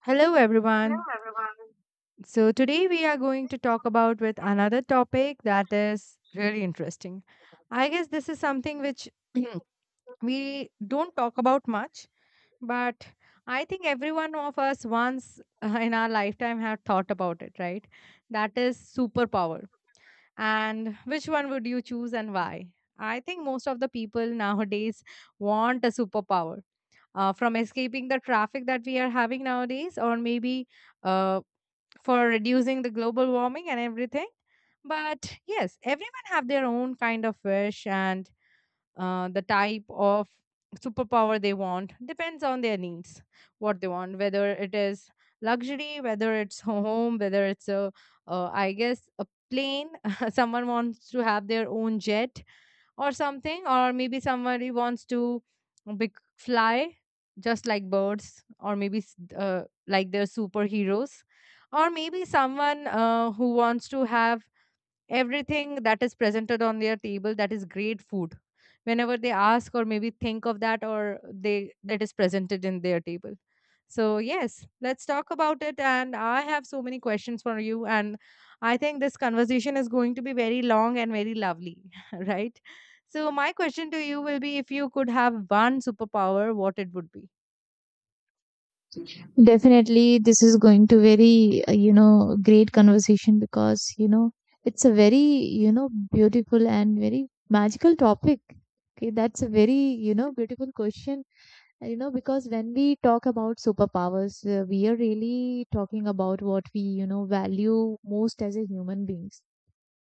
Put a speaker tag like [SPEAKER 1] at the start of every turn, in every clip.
[SPEAKER 1] Hello everyone. So today we are going to talk about with another topic that is really interesting. I guess this is something which we don't talk about much, but I think every one of us once in our lifetime have thought about it, right? That is superpower. And which one would you choose and why? I think most of the people nowadays want a superpower. From escaping the traffic that we are having nowadays, or maybe uh, for reducing the global warming and everything, but yes, everyone have their own kind of wish, and the type of superpower they want depends on their needs, what they want, whether it is luxury, whether it's home, whether it's a I guess a plane, someone wants to have their own jet or something, or maybe somebody wants to big fly just like birds, or maybe like they're superheroes, or maybe someone who wants to have everything that is presented on their table, that is great food whenever they ask or maybe think of that, or they that is presented in their table. So yes, let's talk about it, and I have so many questions for you, and I think this conversation is going to be very long and very lovely, right? So my question to you will be, if you could have one superpower, what it would be?
[SPEAKER 2] Definitely, this is going to very, great conversation because it's a very, beautiful and very magical topic. Okay, that's a very, beautiful question. Because when we talk about superpowers, we are really talking about what we, value most as a human beings.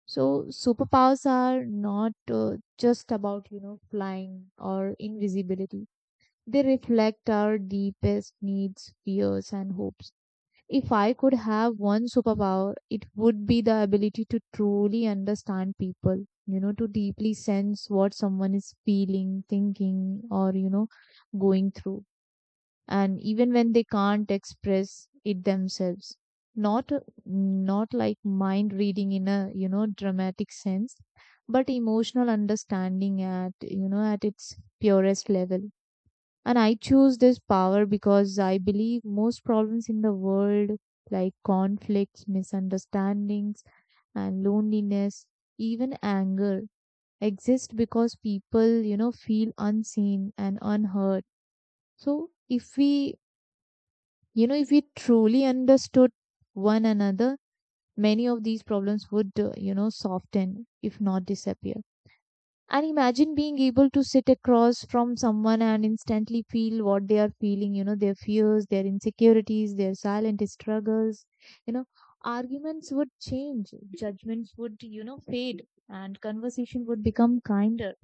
[SPEAKER 2] So superpowers are not just about, flying or invisibility. They reflect our deepest needs, fears, and hopes. If I could have one superpower, it would be the ability to truly understand people, you know, to deeply sense what someone is feeling, thinking, or going through. And even when they can't express it themselves. Not, not like mind reading in a dramatic sense, but emotional understanding at its purest level, and I choose this power because I believe most problems in the world, like conflicts, misunderstandings, and loneliness, even anger, exist because people, feel unseen and unheard. So if we truly understood one another, many of these problems would, soften, if not disappear. And imagine being able to sit across from someone and instantly feel what they are feeling, you know, their fears, their insecurities, their silent struggles. You know, Arguments would change, judgments would, fade, and conversation would become kinder.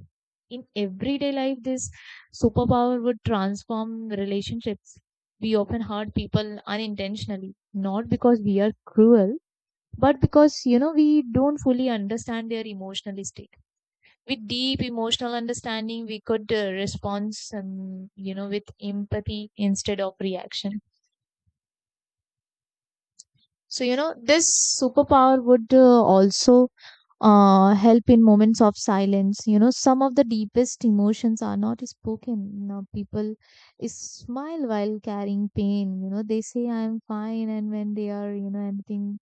[SPEAKER 2] In everyday life, this superpower would transform relationships. We often hurt people unintentionally, not because we are cruel, but because, we don't fully understand their emotional state. With deep emotional understanding, we could respond some you know with empathy instead of reaction. So this superpower would also help in moments of silence. Some of the deepest emotions are not spoken. People smile while carrying pain. They say I'm fine, and when they are anything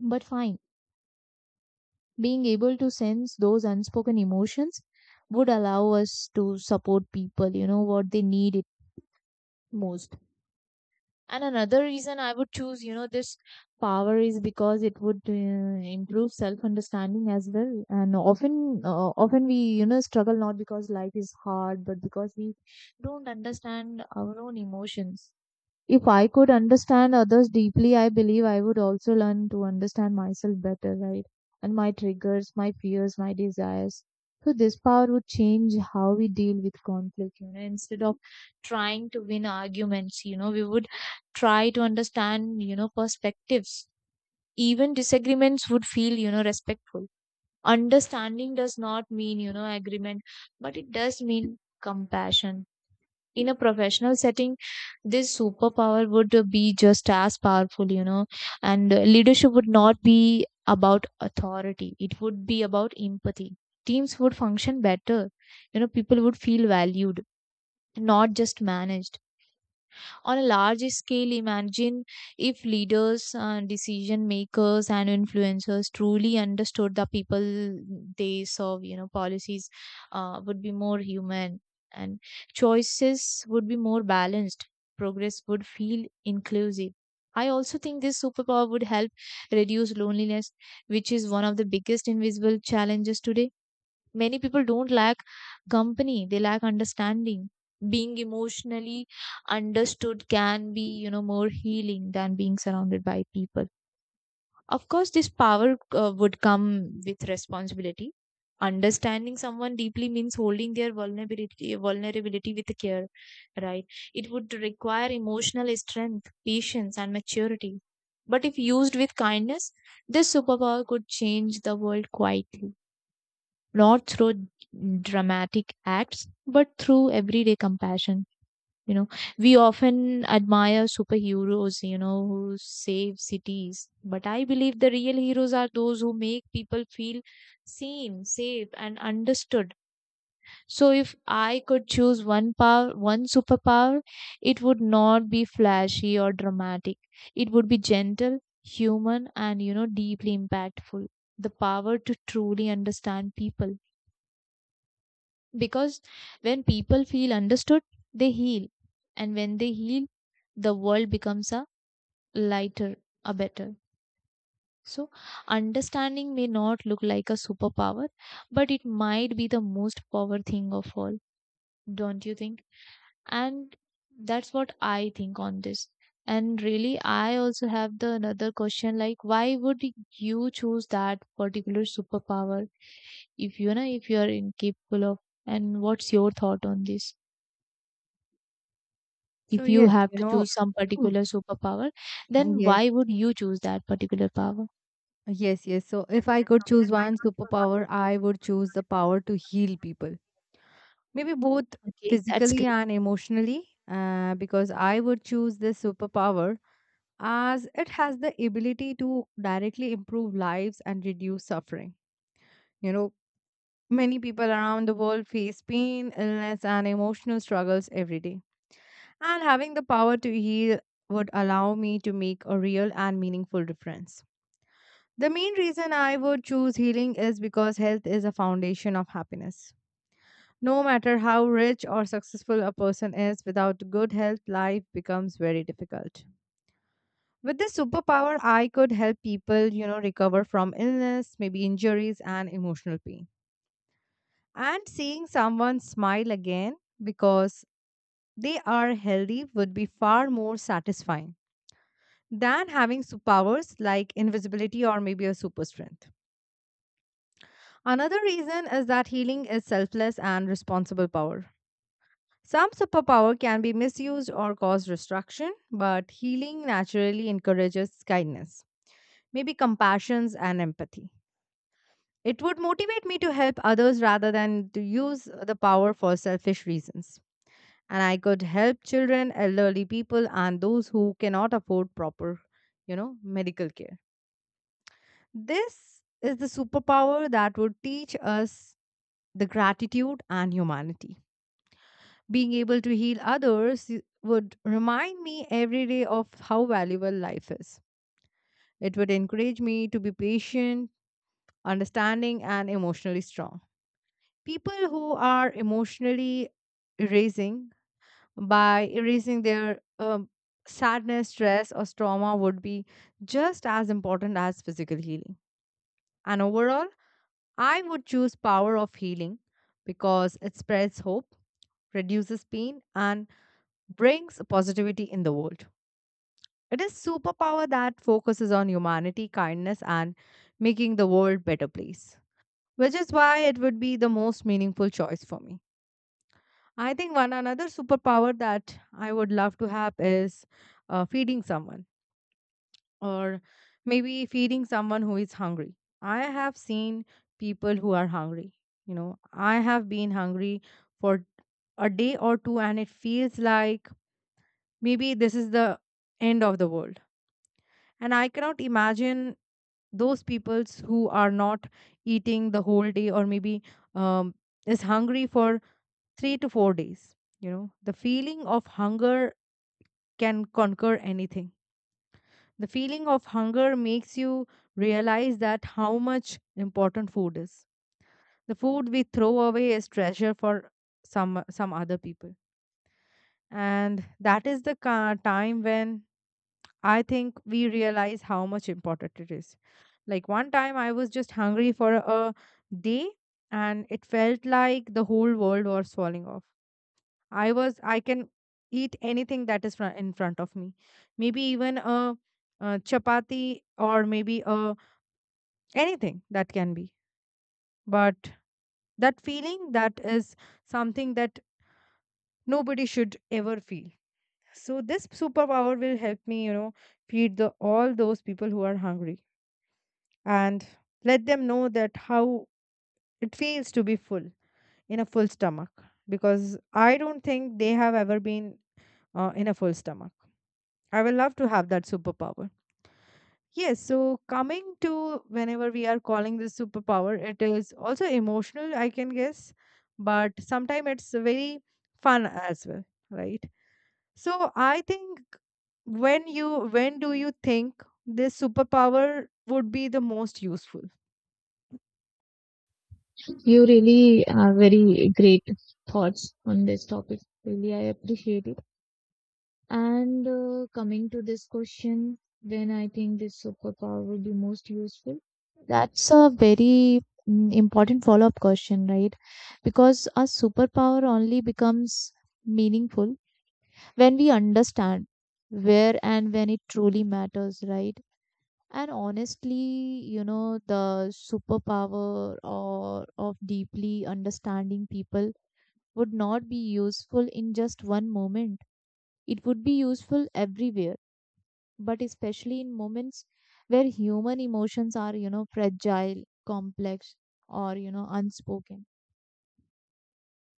[SPEAKER 2] but fine, being able to sense those unspoken emotions would allow us to support people what they need most. And another reason I would choose this power is because it would improve self understanding as well. And often we struggle not because life is hard but because we don't understand our own emotions. If I could understand others deeply, I believe I would also learn to understand myself better, right? And my triggers, my fears, my desires. So this power would change how we deal with conflict, you know, instead of trying to win arguments, you know, we would try to understand, perspectives. Even disagreements would feel, respectful. Understanding does not mean, agreement, but it does mean compassion. In a professional setting, this superpower would be just as powerful, you know, and leadership would not be about authority, it would be about empathy. Teams would function better, you know, people would feel valued, not just managed. On a large scale, imagine if leaders, decision makers, and influencers truly understood the people they serve, you know, policies would be more human, and choices would be more balanced. Progress would feel inclusive. I also think this superpower would help reduce loneliness, which is one of the biggest invisible challenges today. Many people don't lack company, they lack understanding. Being emotionally understood can be, more healing than being surrounded by people. Of course, this power would come with responsibility. Understanding someone deeply means holding their vulnerability with care, right? It would require emotional strength, patience, and maturity. But if used with kindness, this superpower could change the world quietly, not through dramatic acts, but through everyday compassion. You know, we often admire superheroes, you know, who save cities. But I believe the real heroes are those who make people feel seen, safe, and understood. So if I could choose one power, one superpower, it would not be flashy or dramatic. It would be gentle, human, and, deeply impactful. The power to truly understand people, because when people feel understood, they heal. And when they heal, the world becomes a lighter, a better. So, understanding may not look like a superpower, but it might be the most power thing of all, don't you think? And that's what I think on this. And really, I also have the another question like, why would you choose that particular superpower if you are incapable of? And what's your thought on this?
[SPEAKER 1] So
[SPEAKER 2] If you
[SPEAKER 1] yes,
[SPEAKER 2] have
[SPEAKER 1] you
[SPEAKER 2] to
[SPEAKER 1] know.
[SPEAKER 2] choose some particular superpower, then
[SPEAKER 1] Yes.
[SPEAKER 2] why would you choose that particular power?
[SPEAKER 1] Yes, yes. So if I could choose one superpower, I would choose the power to heal people. Maybe both
[SPEAKER 2] Okay, that's
[SPEAKER 1] physically
[SPEAKER 2] great.
[SPEAKER 1] and emotionally, because I would choose this superpower as it has the ability to directly improve lives and reduce suffering. You know, many people around the world face pain, illness, and emotional struggles every day. And having the power to heal would allow me to make a real and meaningful difference. The main reason I would choose healing is because health is a foundation of happiness. No matter how rich or successful a person is, without good health, life becomes very difficult. With this superpower, I could help people, you know, recover from illness, maybe injuries, and emotional pain. And seeing someone smile again because they are healthy would be far more satisfying than having superpowers like invisibility or maybe a super strength. Another reason is that healing is selfless and responsible power. Some superpower can be misused or cause destruction, but healing naturally encourages kindness, maybe compassion and empathy. It would motivate me to help others rather than to use the power for selfish reasons. And I could help children, elderly people, and those who cannot afford proper, you know, medical care. This is the superpower that would teach us the gratitude and humanity. Being able to heal others would remind me every day of how valuable life is. It would encourage me to be patient, understanding, and emotionally strong. People who are emotionally erasing by erasing their sadness, stress, or trauma would be just as important as physical healing. And overall, I would choose power of healing because it spreads hope, reduces pain, and brings positivity in the world. It is superpower that focuses on humanity, kindness, and making the world better place, which is why it would be the most meaningful choice for me. I think one another superpower that I would love to have is feeding someone, or maybe feeding someone who is hungry. I have seen people who are hungry. You know, I have been hungry for a day or two, and it feels like maybe this is the end of the world, and I cannot imagine those peoples who are not eating the whole day, or maybe um, is hungry for 3 to 4 days. You know, the feeling of hunger can conquer anything. The feeling of hunger makes you realize that how much important food is. The food we throw away is treasure for some other people, and that is the time when I think we realize how much important it is. Like one time I was just hungry for a day, and it felt like the whole world was falling off. I can eat anything that is in front of me. Maybe even a chapati, or maybe a anything that can be. But that feeling, that is something that nobody should ever feel. So this superpower will help me, you know, feed the all those people who are hungry, and let them know that how it feels to be full, in a full stomach, because I don't think they have ever been in a full stomach. I will love to have that superpower. Yes, so coming to whenever we are calling this superpower, it is also emotional, I can guess, but sometimes it's very fun as well, right? So I think, when do you think this superpower would be the most useful?
[SPEAKER 2] You really have very great thoughts on this topic. Really, I appreciate it. And coming to this question, when I think this superpower will be most useful, that's a very important follow up question, right? Because a superpower only becomes meaningful when we understand where and when it truly matters, right? And honestly, you know, the superpower or of deeply understanding people would not be useful in just one moment. It would be useful everywhere, but especially in moments where human emotions are, fragile, complex, or unspoken.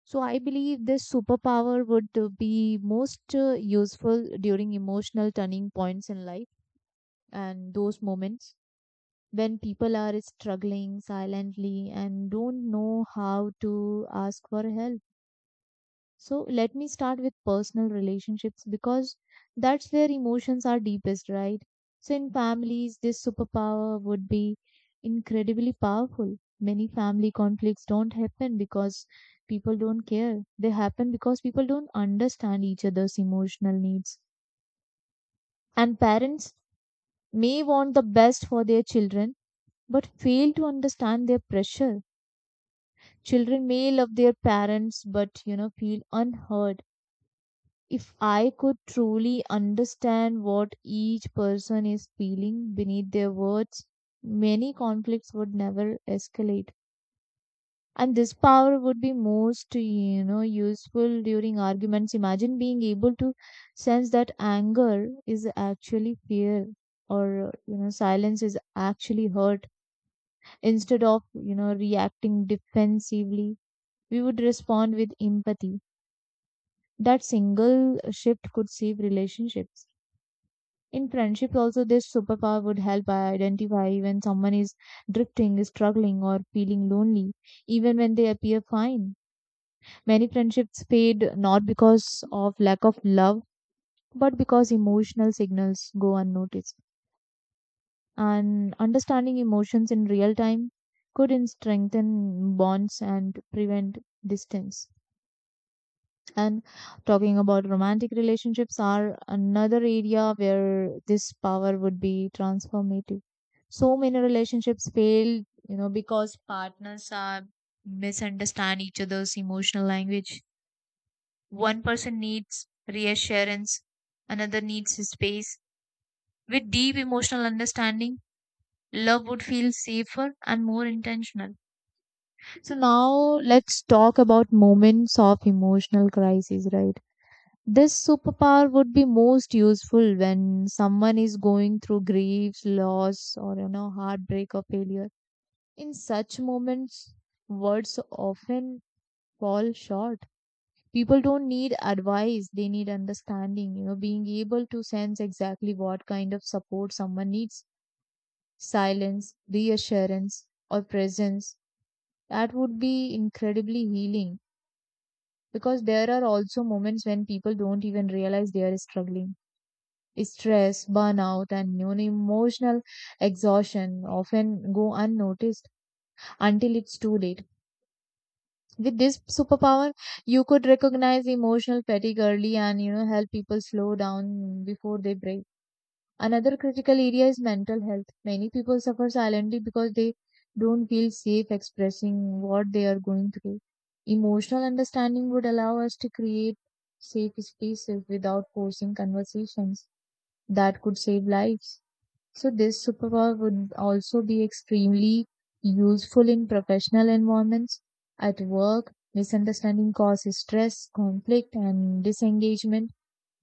[SPEAKER 2] So I believe this superpower would be most useful during emotional turning points in life, and those moments when people are struggling silently and don't know how to ask for help. So let me start with personal relationships, because that's where emotions are deepest, right? So in families, this superpower would be incredibly powerful. Many family conflicts don't happen because people don't care. They happen because people don't understand each other's emotional needs. And parents may want the best for their children but fail to understand their pressure. Children may love their parents but feel unheard. If I could truly understand what each person is feeling beneath their words, many conflicts would never escalate. And this power would be most useful during arguments. Imagine being able to sense that anger is actually fear, or silence is actually hurt. Instead of reacting defensively, we would respond with empathy. That single shift could save relationships. In friendships, also, this superpower would help identify when someone is drifting, struggling, or feeling lonely, even when they appear fine. Many friendships fade not because of lack of love, but because emotional signals go unnoticed. And understanding emotions in real time could strengthen bonds and prevent distance. And talking about romantic relationships are another area where this power would be transformative. So many relationships fail, you know, because partners are misunderstand each other's emotional language. One person needs reassurance, another needs his space. With deep emotional understanding, love would feel safer and more intentional. So now let's talk about moments of emotional crisis, right? This superpower would be most useful when someone is going through grief, loss, or heartbreak or failure. In such moments, words often fall short. People don't need advice, they need understanding, you know, being able to sense exactly what kind of support someone needs. Silence, reassurance, or presence. That would be incredibly healing, because there are also moments when people don't even realize they are struggling. Stress, burnout, and even emotional exhaustion often go unnoticed until it's too late. With this superpower, you could recognize emotional fatigue early, and help people slow down before they break. Another critical area is mental health. Many people suffer silently because they don't feel safe expressing what they are going through. Emotional understanding would allow us to create safe spaces without forcing conversations that could save lives. So this superpower would also be extremely useful in professional environments. At work, misunderstanding causes stress, conflict, and disengagement.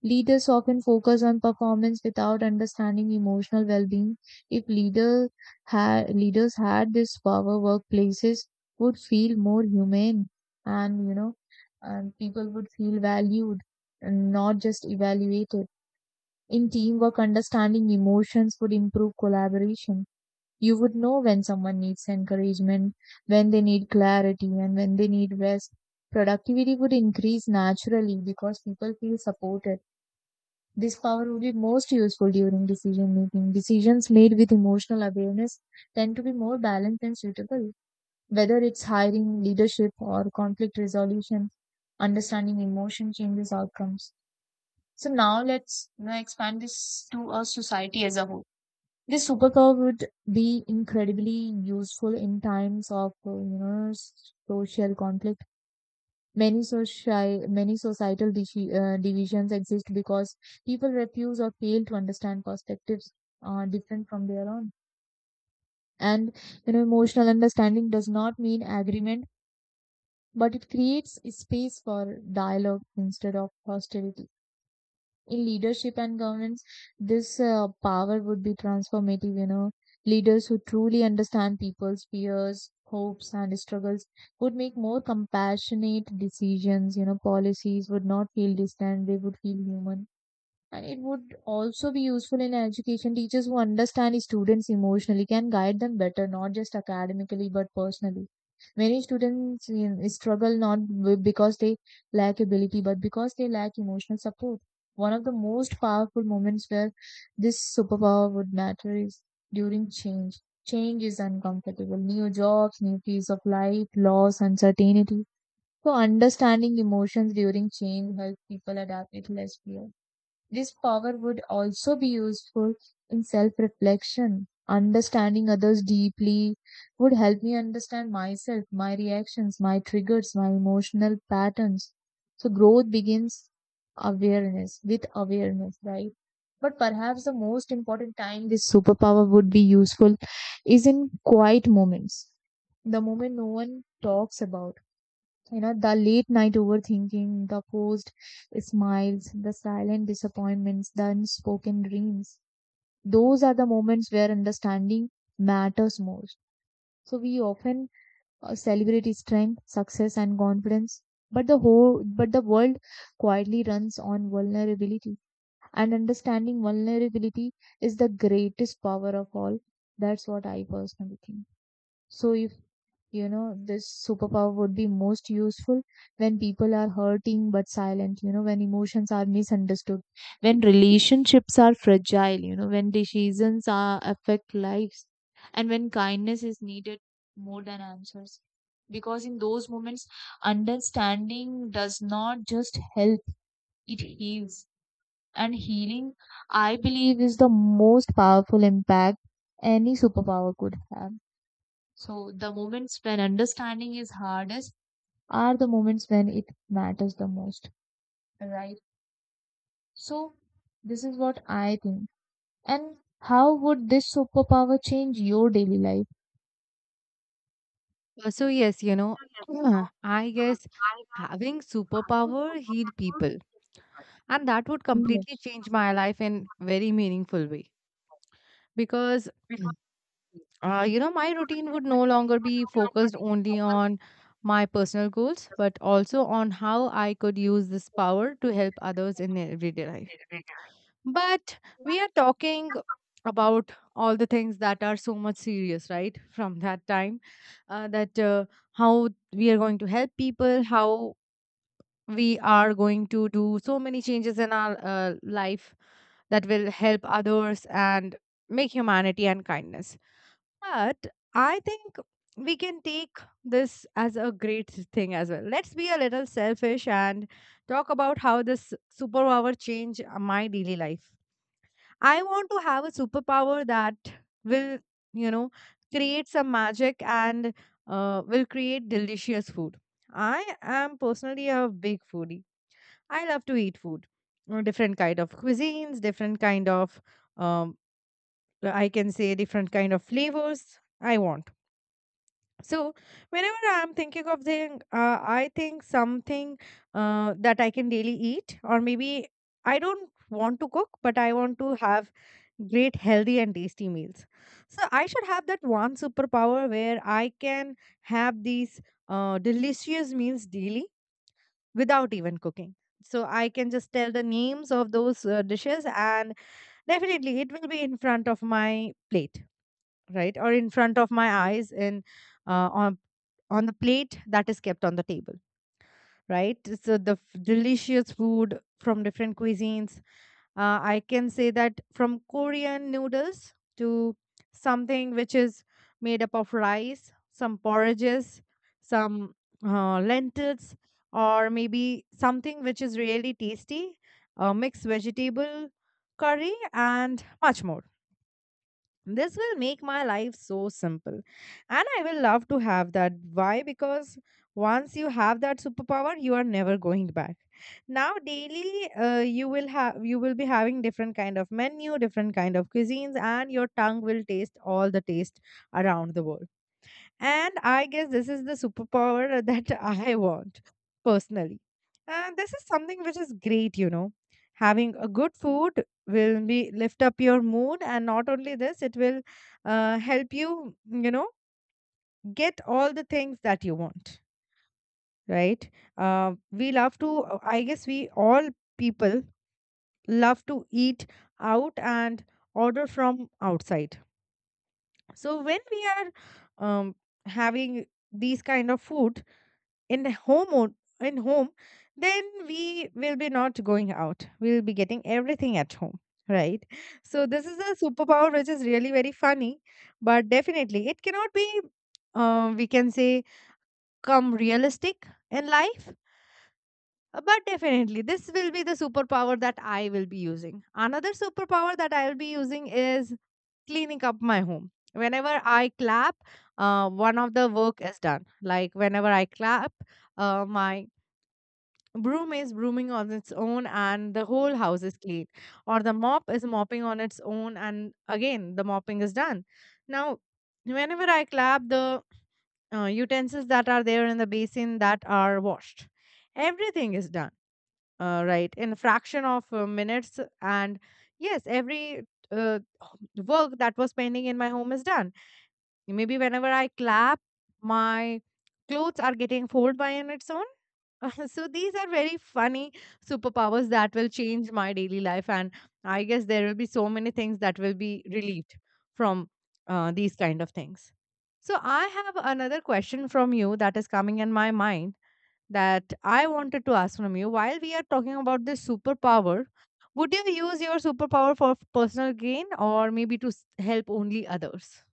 [SPEAKER 2] Leaders often focus on performance without understanding emotional well-being. If leaders had this power, workplaces would feel more humane, and and people would feel valued, and not just evaluated. In teamwork, understanding emotions would improve collaboration. You would know when someone needs encouragement, when they need clarity, and when they need rest. Productivity would increase naturally because people feel supported. This power would be most useful during decision making. Decisions made with emotional awareness tend to be more balanced and suitable, whether it's hiring, leadership, or conflict resolution. Understanding emotion changes outcomes. So now let's expand this to a society as a whole. This superpower would be incredibly useful in times of social conflict. Many societal divisions exist because people refuse or fail to understand perspectives different from their own. And you know, emotional understanding does not mean agreement, but it creates a space for dialogue instead of hostility. In leadership and governance, this power would be transformative, you know. Leaders who truly understand people's fears, hopes, and struggles would make more compassionate decisions, you know. Policies would not feel distant, they would feel human. And it would also be useful in education. Teachers who understand students emotionally can guide them better, not just academically but personally. Many students struggle not b- because they lack ability but because they lack emotional support. One of the most powerful moments where this superpower would matter is during change. Change is uncomfortable. New jobs, new phase of life, loss, uncertainty. So understanding emotions during change helps people adapt with less fear. This power would also be useful in self reflection. Understanding others deeply would help me understand myself, my reactions, my triggers, my emotional patterns. So, growth begins awareness with awareness, right? But perhaps the most important time this superpower would be useful is in quiet moments, the moment no one talks about, you know, the late night overthinking, the forced smiles, the silent disappointments, the unspoken dreams. Those are the moments where understanding matters most. So we often celebrate strength, success, and confidence, but the world quietly runs on vulnerability. And understanding vulnerability is the greatest power of all. That's what I personally think. So if you know, this superpower would be most useful when people are hurting but silent, you know, when emotions are misunderstood, when relationships are fragile, you know, when decisions are affect lives, and when kindness is needed more than answers. Because in those moments, understanding does not just help, it heals. And healing, I believe, is the most powerful impact any superpower could have. So the moments when understanding is hardest are the moments when it matters the most, right? So this is what I think. And how would this superpower change your daily life?
[SPEAKER 1] So yes, you know, I guess having superpower heal people, and that would completely
[SPEAKER 2] Yes.
[SPEAKER 1] change my life in very meaningful way, because you know, my routine would no longer be focused only on my personal goals, but also on how I could use this power to help others in their everyday life. But we are talking about all the things that are so much serious, right? From that time, that how we are going to help people, how we are going to do so many changes in our life that will help others and make humanity and kindness. But I think we can take this as a great thing as well. Let's be a little selfish and talk about how this superpower change my daily life. I want to have a superpower that will, you know, create some magic, and will create delicious food. I am personally a big foodie. I love to eat food, different kind of cuisines, different kind of, um, I can say, different kind of flavors I want. So whenever I'm thinking of thing, I think something that I can daily eat, or maybe I don't want to cook, but I want to have great healthy and tasty meals. So I should have that one superpower where I can have these delicious meals daily without even cooking. So I can just tell the names of those dishes, and definitely it will be in front of my plate, right? Or in front of my eyes, in uh, on on the plate that is kept on the table, right? So the delicious food from different cuisines, I can say that, from Korean noodles to something which is made up of rice, some porridges, some lentils, or maybe something which is really tasty, a mixed vegetable curry, and much more. This will make my life so simple. And I will love to have that. Why? Because once you have that superpower, you are never going back. Now daily you will be having different kind of menu, different kind of cuisines, and your tongue will taste all the taste around the world. And I guess this is the superpower that I want personally. And this is something which is great, you know. Having a good food will be lift up your mood, and not only this, it will help you, you know, get all the things that you want, right? I guess we all people love to eat out and order from outside. So when we are having these kind of food, in the home o- in home, then we will be not going out, we will be getting everything at home, right? So this is a superpower which is really very funny, but definitely it cannot be, we can say, come realistic in life. But definitely this will be the superpower that I will be using. Another superpower that I will be using is cleaning up my home. Whenever I clap, one of the work is done. Like whenever I clap, my broom is brooming on its own, and the whole house is clean. Or the mop is mopping on its own, and again the mopping is done. Now, whenever I clap, the utensils that are there in the basin, that are washed. Everything is done, right, in a fraction of minutes. And yes, every work that was pending in my home is done. Maybe whenever I clap, my clothes are getting folded by on its own. So these are very funny superpowers that will change my daily life, and I guess there will be so many things that will be relieved from these kind of things. So I have another question from you that is coming in my mind, that I wanted to ask from you while we are talking about this superpower. Would you use your superpower for personal gain, or maybe to help only others?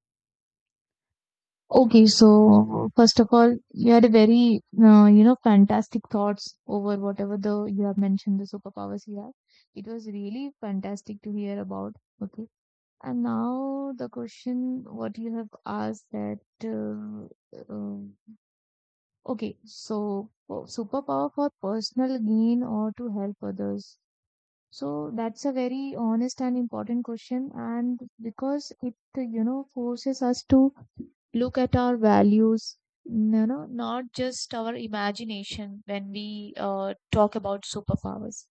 [SPEAKER 2] Okay, so first of all, you had a very, you know, fantastic thoughts over whatever the you have mentioned the superpowers you have. It was really fantastic to hear about. Okay, and now the question what you have asked that okay, so superpower for personal gain or to help others. So that's a very honest and important question, and because it, you know, forces us to look at our values, you know, not just our imagination when we talk about superpowers.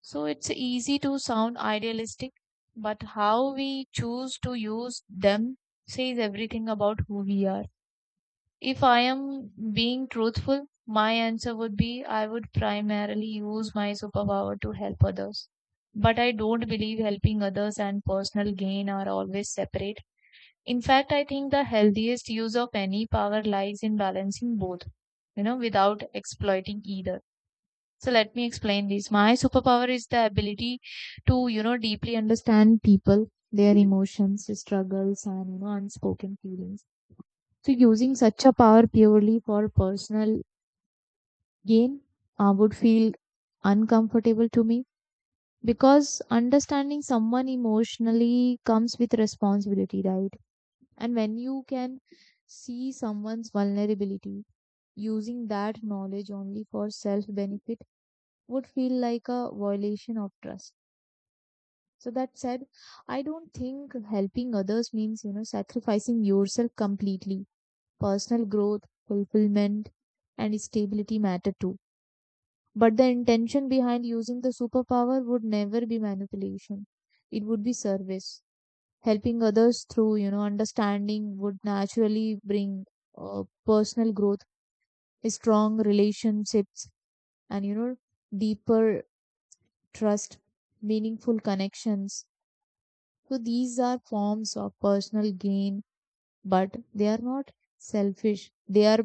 [SPEAKER 2] So it's easy to sound idealistic, but how we choose to use them says everything about who we are. If I am being truthful, my answer would be I would primarily use my superpower to help others. But I don't believe helping others and personal gain are always separate. In fact, I think the healthiest use of any power lies in balancing both, you know, without exploiting either. So let me explain this. My superpower is the ability to, you know, deeply understand people, their emotions, struggles, and, you know, unspoken feelings. So using such a power purely for personal gain would feel uncomfortable to me because understanding someone emotionally comes with responsibility, right? And when you can see someone's vulnerability, using that knowledge only for self benefit would feel like a violation of trust. So that said, I don't think helping others means, you know, sacrificing yourself completely personal growth, fulfillment, and stability matter too. But the intention behind using the superpower would never be manipulation. It would be service. Helping others through, you know, understanding would naturally bring personal growth, strong relationships, and, you know, deeper trust, meaningful connections. So these are forms of personal gain, but they are not selfish. They are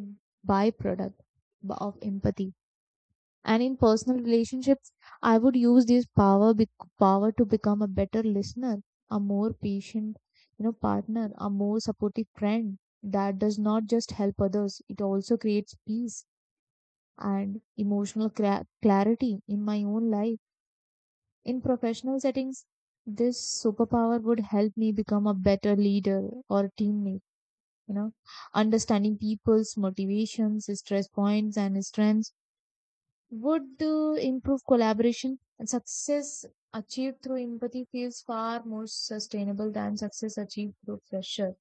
[SPEAKER 2] byproduct of empathy. And in personal relationships I would use this power bec power to become a better listener, a more patient, you know, partner, a more supportive friend. That does not just help others, it also creates peace and emotional clarity in my own life. In professional settings, this superpower would help me become a better leader or teammate, you know, understanding people's motivations, stress points, and strengths would the improve collaboration, and success achieved through empathy feels far more sustainable than success achieved through pressure.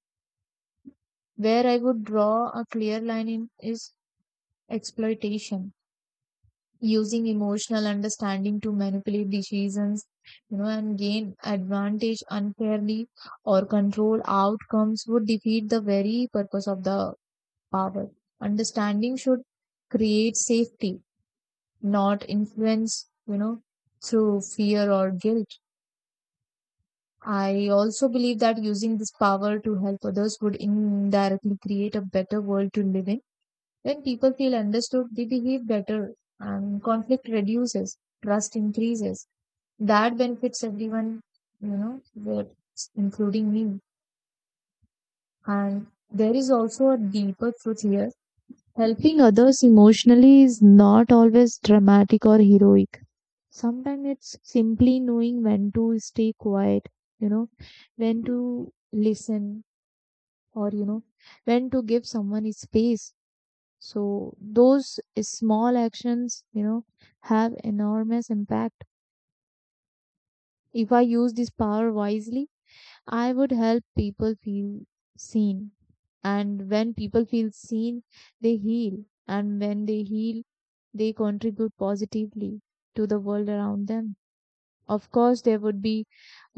[SPEAKER 2] Where I would draw a clear line in is exploitation, using emotional understanding to manipulate decisions, you know, and gain advantage unfairly or control outcomes would defeat the very purpose of the power. Understanding should create safety, not influenced, you know, through fear or guilt. I also believe that using this power to help others would indirectly create a better world to live in. When people feel understood, they behave better and conflict reduces, trust increases. That benefits everyone, you know, with- including me. And there is also a deeper truth here. Helping others emotionally is not always dramatic or heroic. Sometimes it's simply knowing when to stay quiet, you know, when to listen, or, you know, when to give someone his space. So those small actions, you know, have enormous impact. If I use this power wisely, I would help people feel seen, and when people feel seen, they heal, and when they heal, they contribute positively to the world around them. Of course, there would be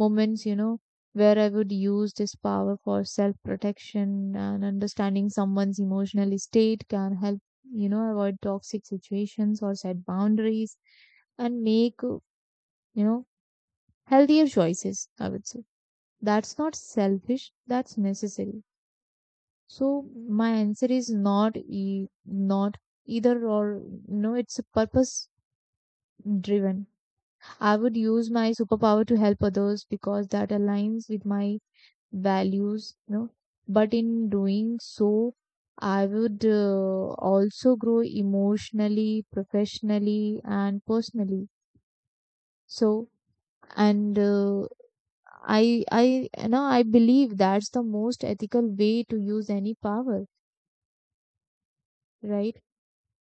[SPEAKER 2] moments, you know, where I would use this power for self protection, and understanding someone's emotional state can help, you know, avoid toxic situations or set boundaries and make, you know, healthier choices, I would say. That's not selfish, that's necessary. So my answer is not either or, no, it's a purpose driven. I would use my superpower to help others because that aligns with my values, you know, but in doing so I would also grow emotionally, professionally, and personally. So and I, you know, I believe that's the most ethical way to use any power, right?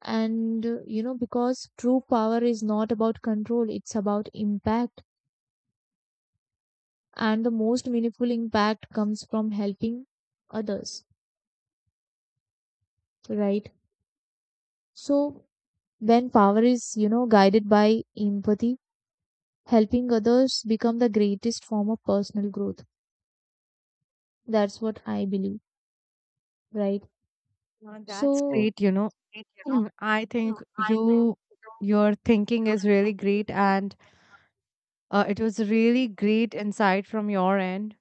[SPEAKER 2] And you know, because true power is not about control, it's about impact, and the most meaningful impact comes from helping others, right? So when power is, you know, guided by empathy, helping others become the greatest form of personal growth. That's what I believe, right?
[SPEAKER 1] That's
[SPEAKER 2] So
[SPEAKER 1] great, you know. Mm, I think your thinking is really great, and it was really great insight from your end.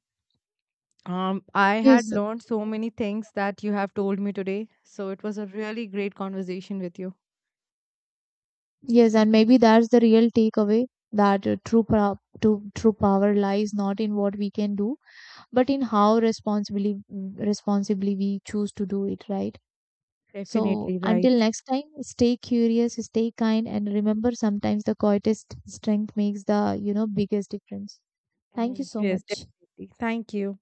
[SPEAKER 1] I had
[SPEAKER 2] yes,
[SPEAKER 1] learned so many things that you have told me today, so it was a really great conversation with you.
[SPEAKER 2] yes, and maybe that's the real takeaway, that true pro- to true power lies not in what we can do but in how responsibly we choose to do it, right? So
[SPEAKER 1] Definitely right.
[SPEAKER 2] until next time, stay curious, stay kind, and remember, sometimes the quietest strength makes the, you know, biggest difference. Thank you
[SPEAKER 1] Mm.
[SPEAKER 2] so
[SPEAKER 1] Yes,
[SPEAKER 2] much.
[SPEAKER 1] definitely. Thank you.